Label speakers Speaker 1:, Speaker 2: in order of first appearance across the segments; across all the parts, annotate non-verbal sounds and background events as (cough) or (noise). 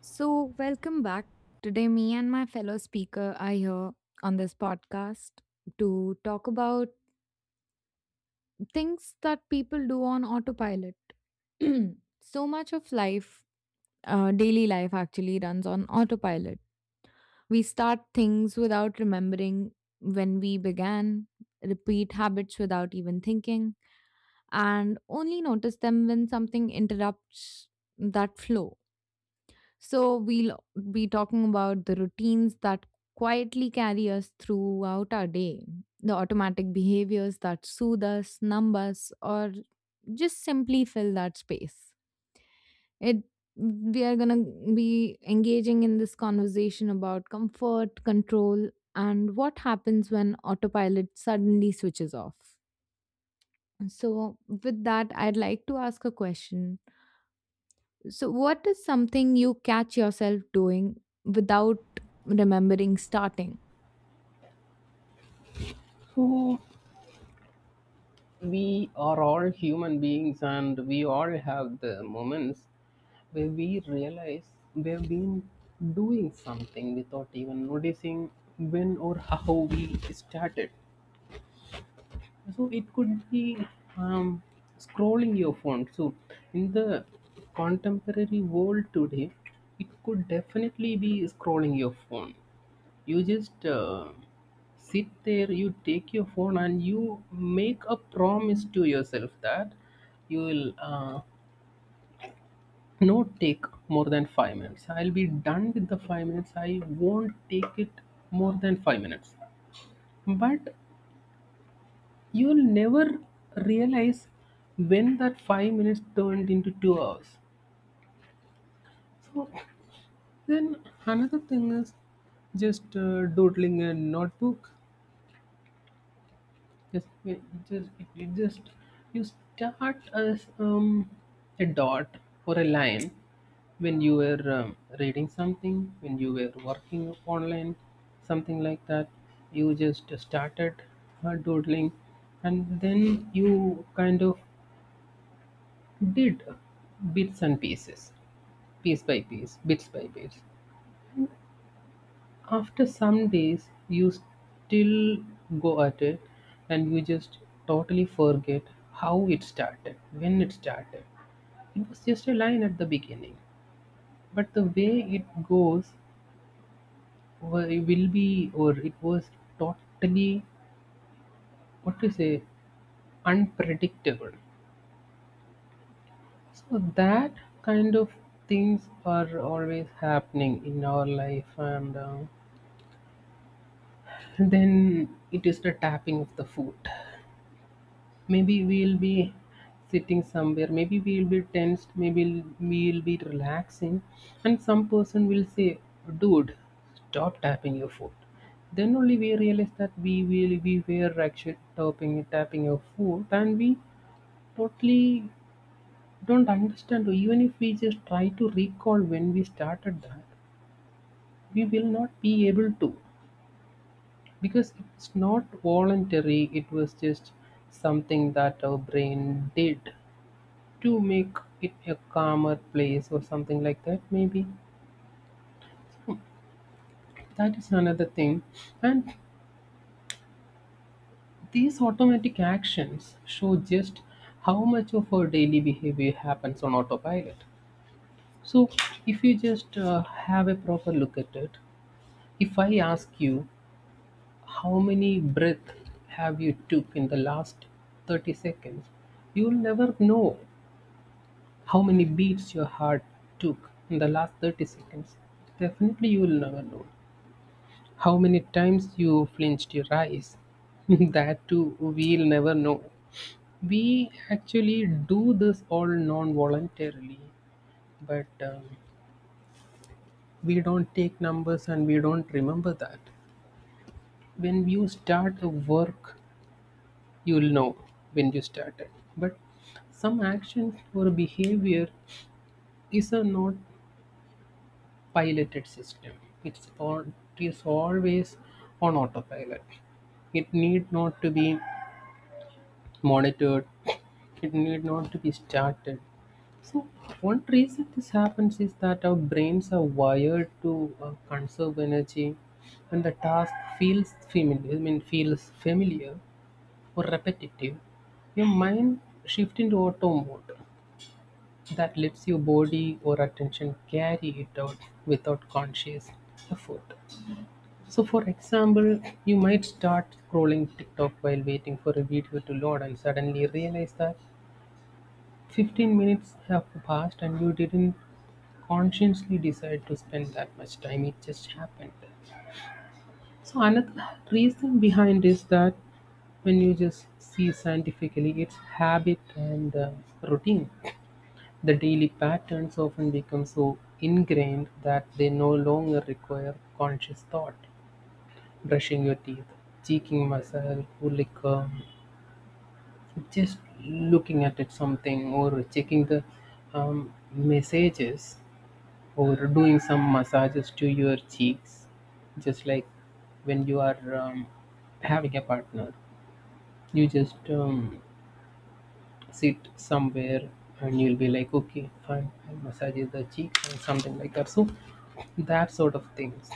Speaker 1: So, welcome back. Today, me and my fellow speaker are here on this podcast to talk about things that people do on autopilot. (clears throat) So much of life, daily life, actually runs on autopilot. We start things without remembering when we began, repeat habits without even thinking, and only notice them when something interrupts that flow. So we'll be talking about the routines that quietly carry us throughout our day, the automatic behaviors that soothe us, numb us, or just simply fill that space. It We are gonna be engaging in this conversation about comfort, control, and what happens when autopilot suddenly switches off. So with that, I'd like to ask a question. So, what is something you catch yourself doing without remembering starting?
Speaker 2: So we are all human beings, and we all have the moments where we realize we've been doing something without even noticing when or how we started. So it could be um, scrolling your phone. So in the contemporary world today, it could definitely be scrolling your phone. You just sit there, you take your phone, and you make a promise to yourself that you will not take more than 5 minutes. I'll be done with the 5 minutes. I won't take it more than 5 minutes. But you'll never realize when that 5 minutes turned into 2 hours. So then another thing is just doodling a notebook. Just, it just, it just you start as a dot or a line when you were reading something, when you were working online, something like that. You just started doodling, and then you kind of did bits and pieces, piece by piece, bits by bits. After some days, you still go at it and you just totally forget how it started, when it started. It was just a line at the beginning, but the way it goes it will be, or it was totally, what to say, unpredictable. So that kind of things are always happening in our life, and then it is the tapping of the foot. Maybe we'll be sitting somewhere, maybe we'll be tensed, maybe we'll be relaxing, and some person will say, "Dude, stop tapping your foot." Then only we realize that we were actually tapping your foot, and we totally don't understand. So even if we just try to recall when we started that, we will not be able to, because it's not voluntary. It was just something that our brain did to make it a calmer place or something like that, maybe. That is another thing. And these automatic actions show just how much of our daily behavior happens on autopilot. So if you just have a proper look at it, if I ask you how many breath have you took in the last 30 seconds, you'll never know. How many beats your heart took in the last 30 seconds, definitely you will never know. How many times you flinched your eyes? (laughs) That too, we'll never know. We actually do this all non voluntarily, but we don't take numbers and we don't remember that. When you start a work, you'll know when you started. But some action or behavior is a not piloted system. It's, on, it is always on autopilot. It need not to be monitored, it need not to be started. So one reason this happens is that our brains are wired to conserve energy, and the task feels familiar I mean feels familiar or repetitive. Your mind shifts into auto mode that lets your body or attention carry it out without conscious effort. So for example, you might start scrolling TikTok while waiting for a video to load and suddenly realize that 15 minutes have passed and you didn't consciously decide to spend that much time, it just happened. So, another reason behind is that when you just see scientifically, it's habit and routine. The daily patterns often become so ingrained that they no longer require conscious thought. Brushing your teeth, cheeking myself, or like just looking at it something or checking the messages, or doing some massages to your cheeks, just like when you are having a partner, you just sit somewhere and you'll be like, okay, fine, I'll massage the cheeks or something like that. So that sort of things,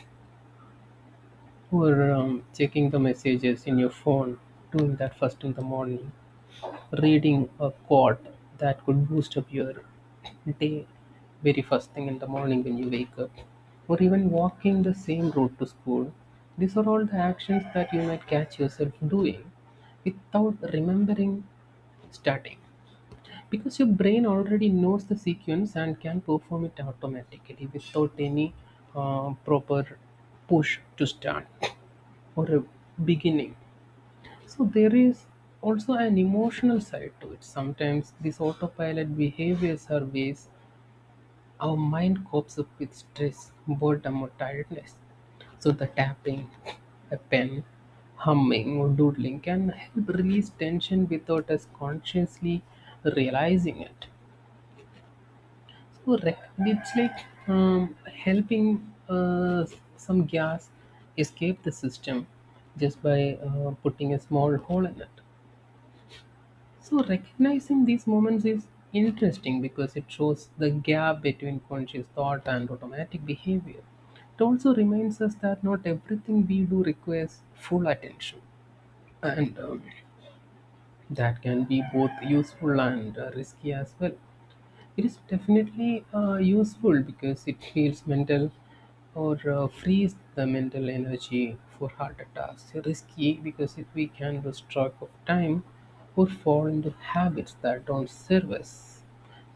Speaker 2: or checking the messages in your phone, doing that first in the morning. Reading a quote that could boost up your day very first thing in the morning when you wake up, or even walking the same road to school. These are all the actions that you might catch yourself doing without remembering starting, because your brain already knows the sequence and can perform it automatically without any proper push to start or a beginning. So there is also an emotional side to it. Sometimes these autopilot behaviors are ways our mind copes up with stress, boredom, or tiredness. So the tapping, a pen, humming, or doodling can help release tension without us consciously realizing it. So it's like helping some gas escape the system just by putting a small hole in it. So recognizing these moments is interesting because it shows the gap between conscious thought and automatic behavior. It also reminds us that not everything we do requires full attention, and that can be both useful and risky as well. It is definitely useful because it heals mental or frees the mental energy for harder tasks. Risky because if we can lose track of time or fall into habits that don't serve us,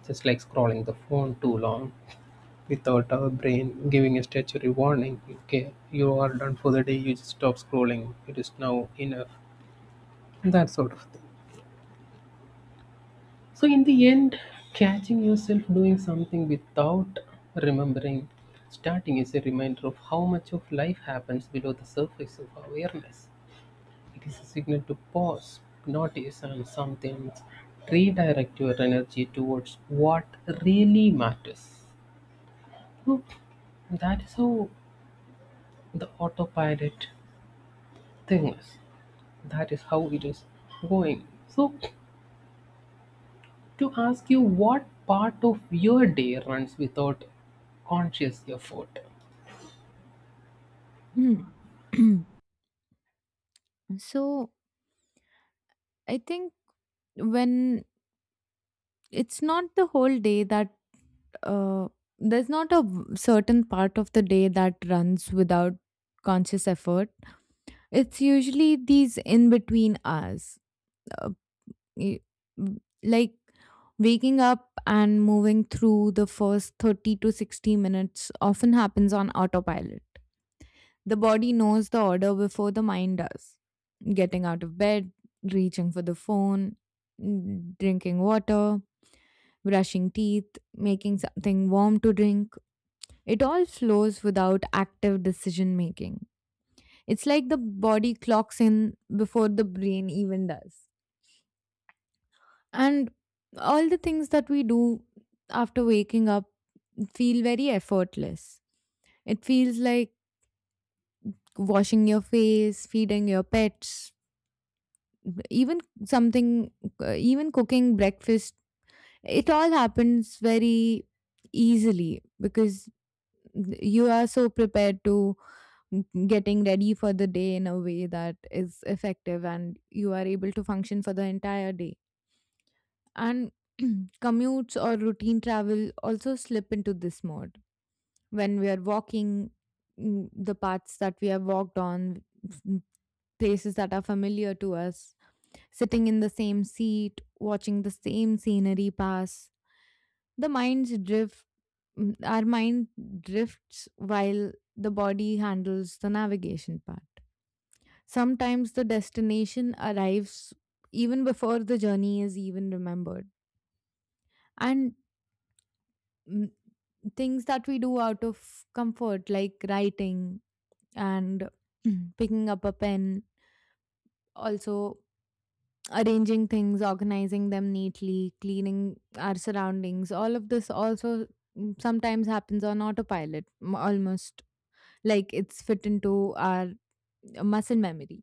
Speaker 2: just like scrolling the phone too long without our brain giving a statutory warning. Okay, you are done for the day. You just stop scrolling. It is now enough. That sort of thing. So, in the end, catching yourself doing something without remembering starting is a reminder of how much of life happens below the surface of awareness. It is a signal to pause, notice, and sometimes redirect your energy towards what really matters. Hmm. That is how the autopilot thing is. That is how it is going. So, to ask you, what part of your day runs without conscious effort?
Speaker 1: Hmm. (clears throat) So, I think when it's not the whole day that uh, there's not a v- certain part of the day that runs without conscious effort, it's usually these in between hours. uh, y- like waking up and moving through the first 30 to 60 minutes often happens on autopilot. The body knows the order before the mind does. Getting out of bed, reaching for the phone, drinking water, brushing teeth, making something warm to drink. It all flows without active decision making. It's like the body clocks in before the brain even does. And all the things that we do after waking up feel very effortless. It feels like washing your face, feeding your pets, even something, even cooking breakfast. It all happens very easily because you are so prepared to getting ready for the day in a way that is effective and you are able to function for the entire day. And (clears throat) commutes or routine travel also slip into this mode. When we are walking, the paths that we have walked on, mm, places that are familiar to us, sitting in the same seat, watching the same scenery pass, the minds drift mm, our mind drifts while the body handles the navigation part. Sometimes the destination arrives even before the journey is even remembered. And mm, things that we do out of comfort like writing and (clears throat) picking up a pen, also arranging things, organizing them neatly, cleaning our surroundings, all of this also sometimes happens on autopilot, almost like it's fit into our muscle memory.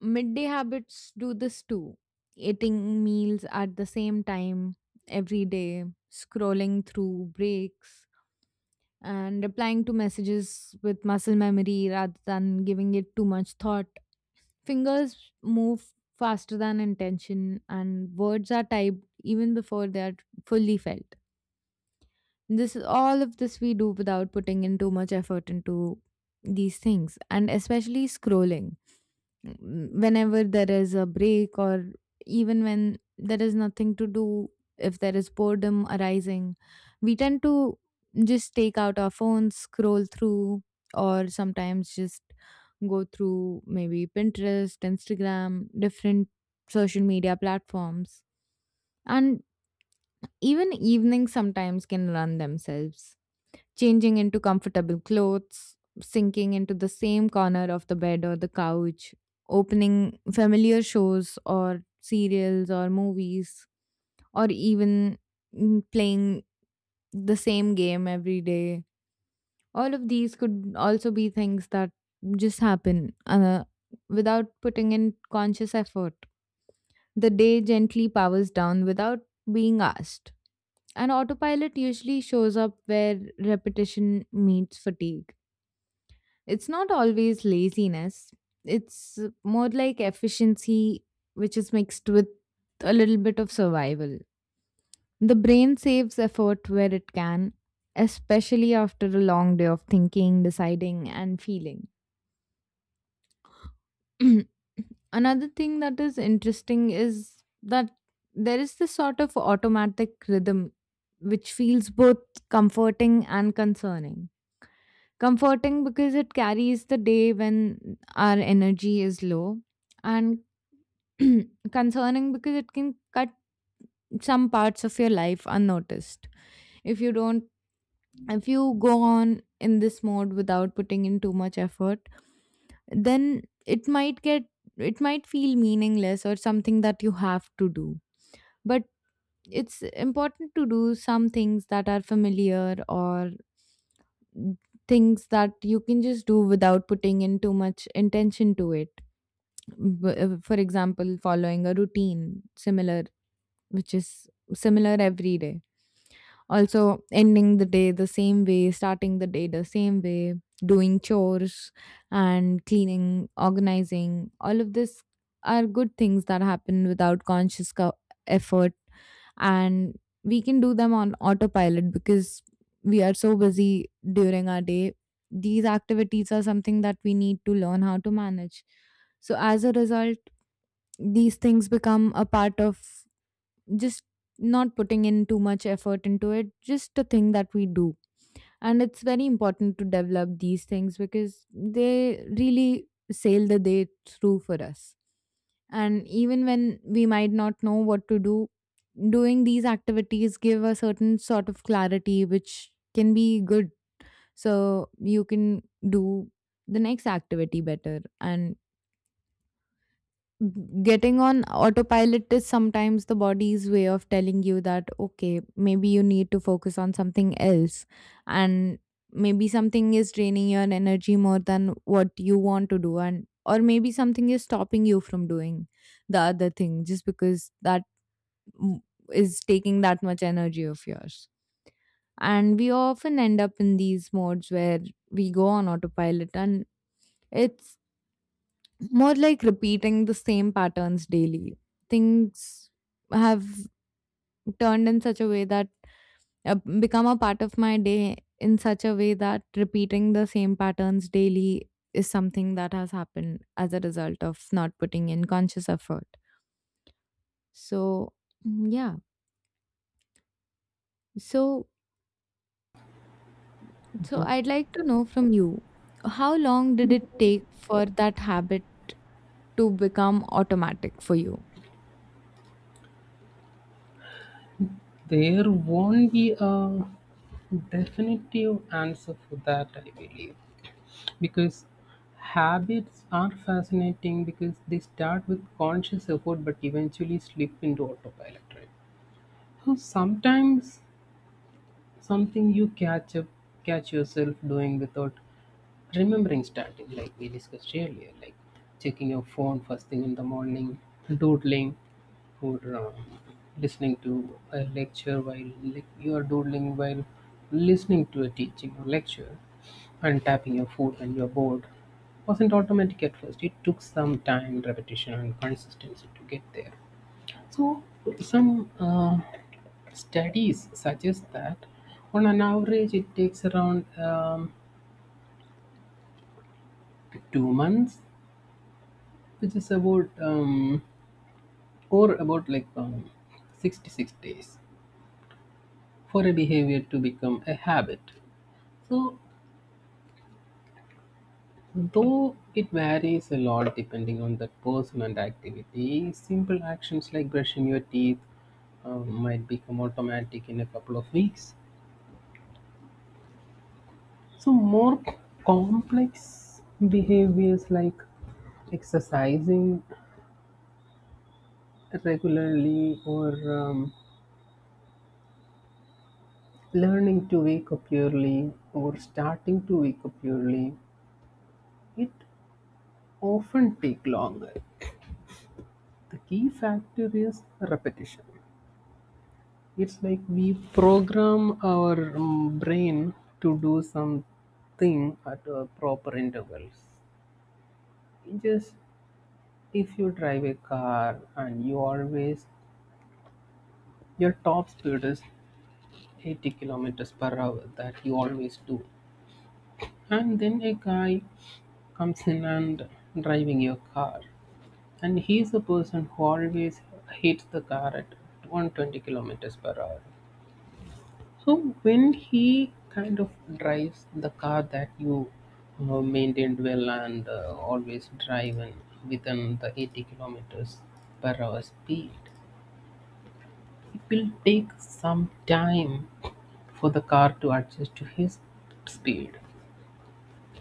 Speaker 1: Midday habits do this too: eating meals at the same time every day, scrolling through breaks, and replying to messages with muscle memory rather than giving it too much thought. Fingers move faster than intention, and words are typed even before they are fully felt. This All of this we do without putting in too much effort into these things, and especially scrolling. Whenever there is a break, or even when there is nothing to do, if there is boredom arising, we tend to just take out our phones, scroll through, or sometimes just go through maybe Pinterest, Instagram, different social media platforms. And even evenings sometimes can run themselves, changing into comfortable clothes, sinking into the same corner of the bed or the couch, opening familiar shows or serials or movies, or even playing the same game every day. All of these could also be things that just happen, without putting in conscious effort. The day gently powers down without being asked. And autopilot usually shows up where repetition meets fatigue. It's not always laziness, it's more like efficiency, which is mixed with a little bit of survival. The brain saves effort where it can, especially after a long day of thinking, deciding, and feeling. (clears throat) Another thing that is interesting is that there is this sort of automatic rhythm which feels both comforting and concerning. Comforting because it carries the day when our energy is low, and (clears throat) concerning because it can cut some parts of your life unnoticed. If you don't, if you go on in this mode without putting in too much effort, then it might feel meaningless or something that you have to do, but it's important to do some things that are familiar or things that you can just do without putting in too much intention to it. For example, following a routine similar, which is similar every day. Also, ending the day the same way, starting the day the same way, doing chores and cleaning, organizing, all of this are good things that happen without conscious effort. And we can do them on autopilot because we are so busy during our day. These activities are something that we need to learn how to manage. So, as a result, these things become a part of just not putting in too much effort into it, just a thing that we do. And it's very important to develop these things because they really sail the day through for us. And even when we might not know what to do, doing these activities give a certain sort of clarity which can be good. So you can do the next activity better, and getting on autopilot is sometimes the body's way of telling you that okay, maybe you need to focus on something else, and maybe something is draining your energy more than what you want to do, and or maybe something is stopping you from doing the other thing just because that m- is taking that much energy of yours. And we often end up in these modes where we go on autopilot, and it's more like repeating the same patterns daily. Things have turned in such a way that become a part of my day in such a way that repeating the same patterns daily is something that has happened as a result of not putting in conscious effort. So, mm, yeah. So, so, I'd like to know from you, how long did it take for that habit to become automatic for you?
Speaker 2: There won't be a definitive answer for that, I believe, because habits are fascinating because they start with conscious effort but eventually slip into autopilot, right? So sometimes something you catch up, catch yourself doing without remembering starting, like we discussed earlier, like checking your phone first thing in the morning, doodling, or listening to a lecture while, like, you are doodling while listening to a teaching or lecture, and tapping your foot when you're bored, wasn't automatic at first. It took some time, repetition, and consistency to get there. So some studies suggest that on an average it takes around 2 months, which is about or about like 66 days for a behavior to become a habit. So though it varies a lot depending on that person and activity, simple actions like brushing your teeth might become automatic in a couple of weeks. So more complex behaviors like exercising regularly or um, Learning to wake up early or starting to wake up early, it often take longer. The key factor is repetition. It's like we program our brain to do something at a proper intervals. Just if you drive a car and you always, your top speed is 80 kilometers per hour, that you always do, and then a guy comes in and driving your car. And he's the person who always hits the car at 120 kilometers per hour. So when he kind of drives the car that you maintained well and always drive in within the 80 kilometers per hour speed, it will take some time for the car to adjust to his speed.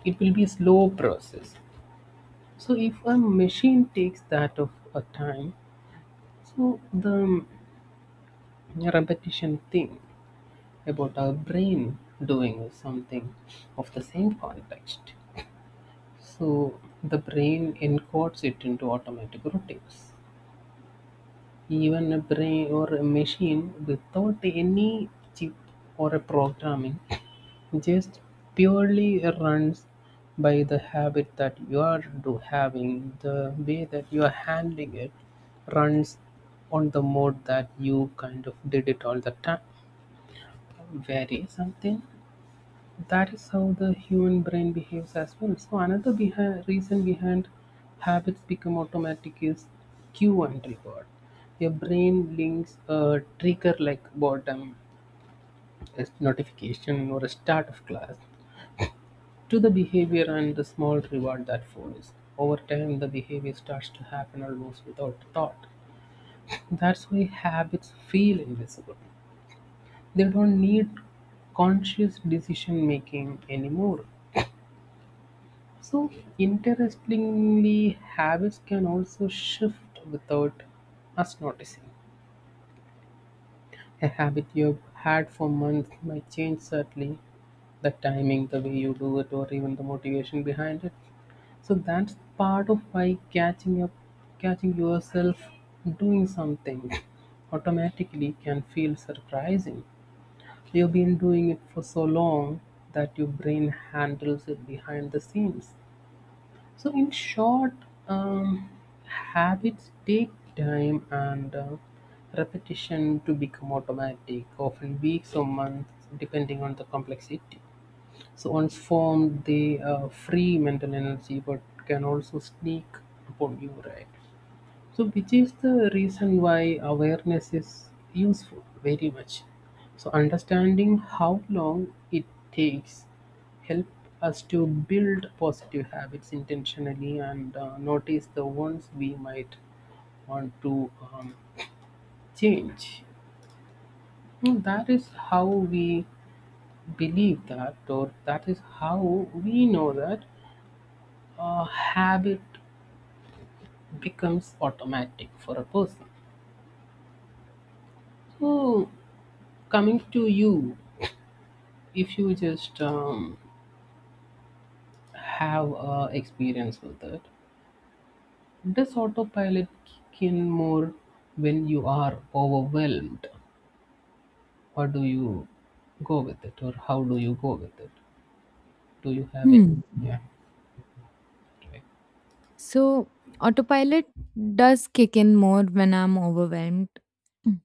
Speaker 2: It will be a slow process. So if a machine takes that of a time, so the a repetition thing about our brain doing something of the same context. So the brain encodes it into automatic routines. Even a brain or a machine without any chip or a programming just purely runs by the habit that you are do having. The way that you are handling it runs on the mode that you kind of did it all the time. Vary something. That is how the human brain behaves as well. So another reason behind habits become automatic is cue and reward. Your brain links a trigger like boredom, a notification, or a start of class to the behavior and the small reward that follows. Over time, the behavior starts to happen almost without thought. That's why habits feel invisible. They don't need conscious decision making anymore. So, interestingly, habits can also shift without us noticing. A habit you've had for months might change suddenly, the timing, the way you do it, or even the motivation behind it. So that's part of why catching yourself doing something automatically can feel surprising. You've been doing it for so long that your brain handles it behind the scenes. So, in short, um, habits take time and repetition to become automatic, often weeks or months, depending on the complexity. So, once formed, they free mental energy but can also sneak upon you, right? So, which is the reason why awareness is useful very much. So, understanding how long it takes help us to build positive habits intentionally and notice the ones we might want to change. Hmm. That is how we believe that, or that is how we know that a habit becomes automatic for a person. So, coming to you, if you just have experience with it, does autopilot kick in more when you are overwhelmed? What do you go with it, or how do you go with it? Do you have it? Yeah, right.
Speaker 1: So, autopilot does kick in more when I'm overwhelmed. Mm.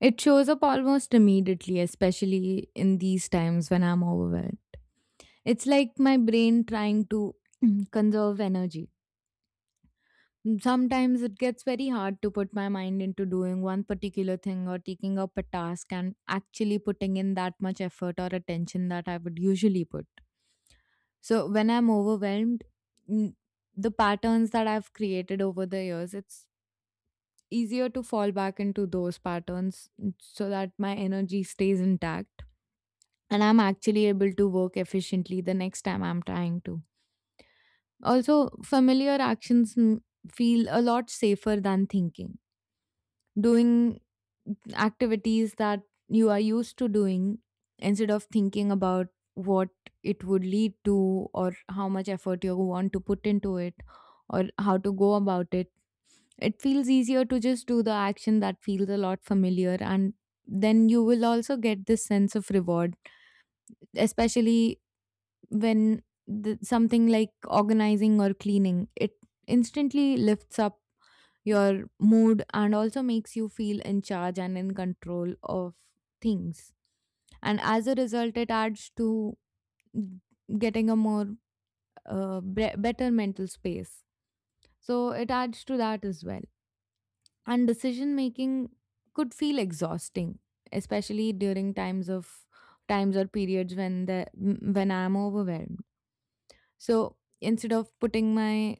Speaker 1: It shows up almost immediately, especially in these times when I'm overwhelmed. It's like my brain trying to (clears throat) Mm. conserve energy. Sometimes it gets very hard to put my mind into doing one particular thing or taking up a task and actually putting in that much effort or attention that I would usually put. So, when I'm overwhelmed, mm, the patterns that I've created over the years, it's easier to fall back into those patterns so that my energy stays intact and I'm actually able to work efficiently the next time I'm trying to. Also, familiar actions feel a lot safer than thinking. Doing activities that you are used to doing instead of thinking about what it would lead to or how much effort you want to put into it or how to go about it, it feels easier to just do the action that feels a lot familiar, and then you will also get this sense of reward, especially when the, something like organizing or cleaning. It instantly lifts up your mood and also makes you feel in charge and in control of things, and as a result it adds to getting a more better mental space, so it adds to that as well. And decision making could feel exhausting, especially during times or periods when the when I'm overwhelmed. So instead of putting my,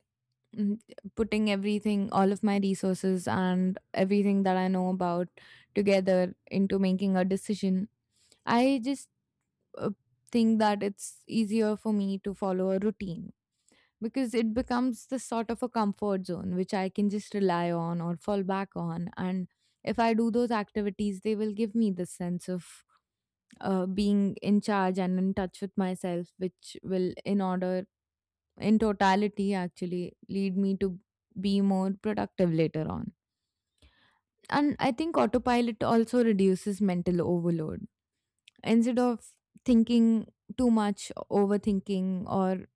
Speaker 1: mm, putting everything, all of my resources and everything that I know about together into making a decision, I just uh, think that it's easier for me to follow a routine because it becomes the sort of a comfort zone which I can just rely on or fall back on. And if I do those activities, they will give me the sense of being in charge and in touch with myself, which will, in order, in totality, actually lead me to be more productive later on. And I think autopilot also reduces mental overload. Instead of thinking too much, overthinking, or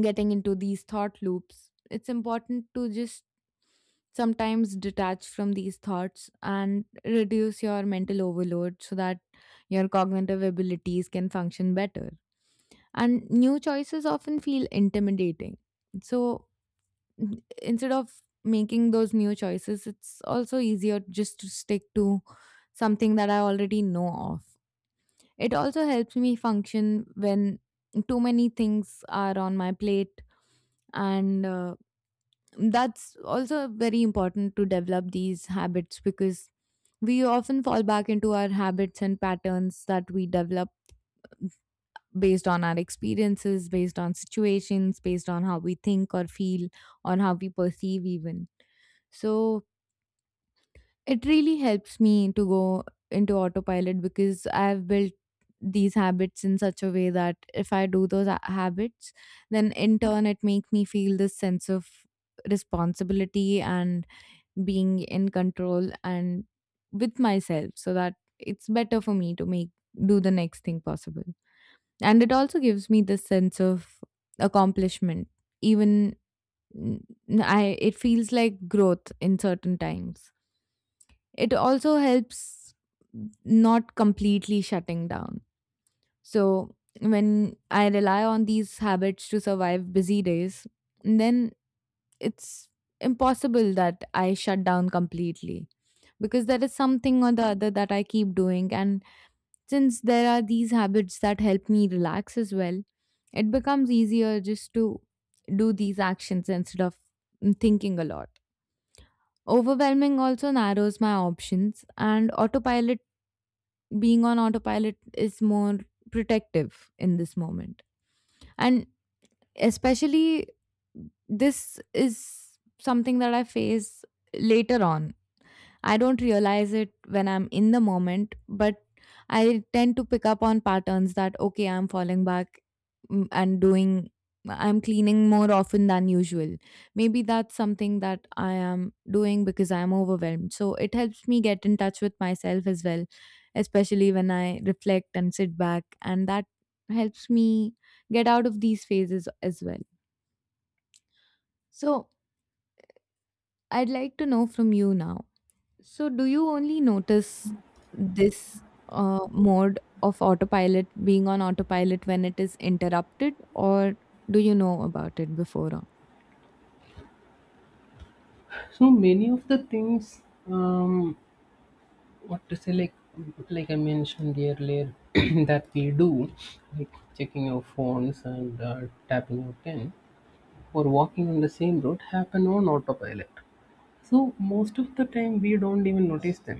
Speaker 1: getting into these thought loops, it's important to just sometimes detach from these thoughts and reduce your mental overload so that your cognitive abilities can function better. And new choices often feel intimidating. So instead of making those new choices, it's also easier just to stick to something that I already know of. It also helps me function when too many things are on my plate, and that's also very important to develop these habits because we often fall back into our habits and patterns that we develop based on our experiences, based on situations, based on how we think or feel, on how we perceive, even. So, it really helps me to go into autopilot because I've built these habits in such a way that if I do those habits, then in turn it makes me feel this sense of responsibility and being in control and with myself so that it's better for me to make do the next thing possible. And it also gives me this sense of accomplishment, even, mm, I it feels like growth in certain times. It also helps not completely shutting down. So when I rely on these habits to survive busy days, then it's impossible that I shut down completely because there is something or the other that I keep doing. And since there are these habits that help me relax as well, it becomes easier just to do these actions instead of thinking a lot. Overwhelming also narrows my options, and autopilot being on autopilot is more protective in this moment. And especially, this is something that I face later on. I don't realize it when I'm in the moment, but I tend to pick up on patterns that, okay, I'm falling back, mm, and doing, I'm cleaning more often than usual. Maybe that's something that I am doing because I'm overwhelmed. So it helps me get in touch with myself as well, especially when I reflect and sit back. And that helps me get out of these phases as well. So I'd like to know from you now, so, do you only notice this mode of autopilot being on autopilot when it is interrupted, or do you know about it before? On?
Speaker 2: So many of the things, um, what to say, like I mentioned earlier, (clears throat) that we do, like checking our phones and tapping our pen or walking on the same road, happen on autopilot. So most of the time we don't even notice them.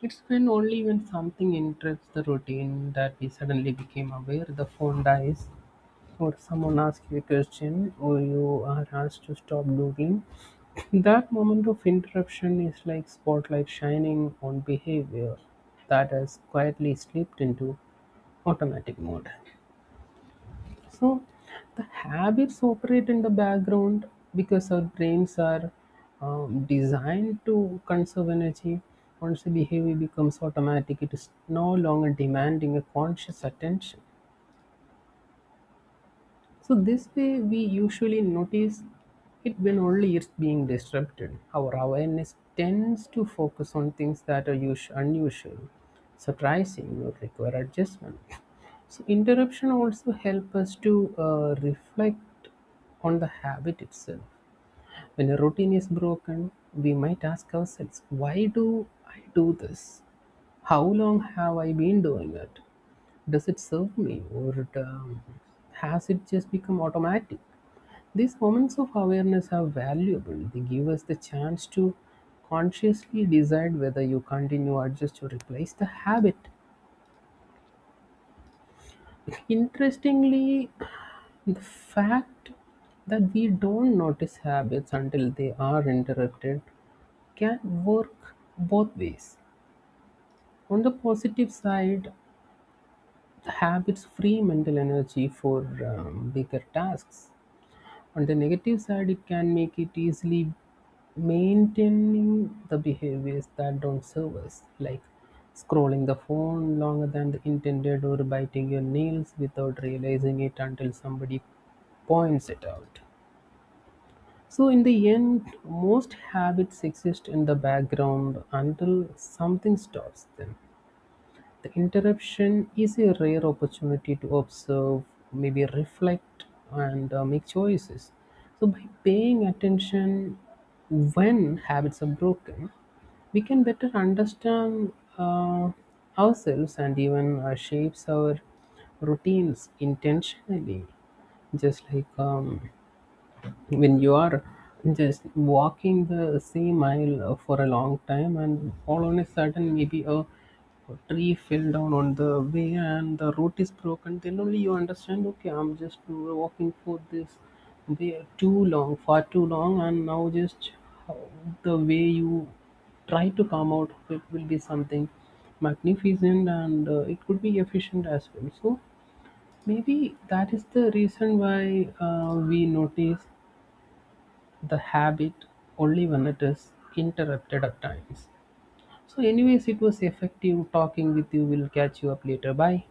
Speaker 2: It's when only when something interrupts the routine that we suddenly became aware. The phone dies, or someone asks you a question, or you are asked to stop doing. (coughs) That moment of interruption is like spotlight shining on behavior that has quietly slipped into automatic mode. So the habits operate in the background because our brains are designed to conserve energy. Once a behavior becomes automatic, it is no longer demanding a conscious attention. So this way we usually notice it when only it's being disrupted. Our awareness tends to focus on things that are unusual, surprising, or require adjustment. So interruption also help us to reflect on the habit itself. When a routine is broken, we might ask ourselves, why do I do this? How long have I been doing it? Does it serve me, or it, has it just become automatic? These moments of awareness are valuable. They give us the chance to consciously decide whether you continue, adjust, or replace the habit. Interestingly, the fact that we don't notice habits until they are interrupted can work both ways. On the positive side, habits free mental energy for bigger tasks. On the negative side, it can make it easily maintaining the behaviors that don't serve us, like scrolling the phone longer than the intended or biting your nails without realizing it until somebody points it out. So, in the end, most habits exist in the background until something stops them. The interruption is a rare opportunity to observe, maybe reflect, and make choices. So, by paying attention when habits are broken, we can better understand ourselves and even shapes our routines intentionally, just like when you are just walking the same aisle for a long time, and all on a sudden maybe a tree fell down on the way and the road is broken, then only you understand, okay, I'm just walking for this way too long far too long, and now just the way you try to come out of it will be something magnificent, and it could be efficient as well. So maybe that is the reason why we notice the habit only when it is interrupted at times. So, anyways, it was effective talking with you. We'll catch you up later. Bye.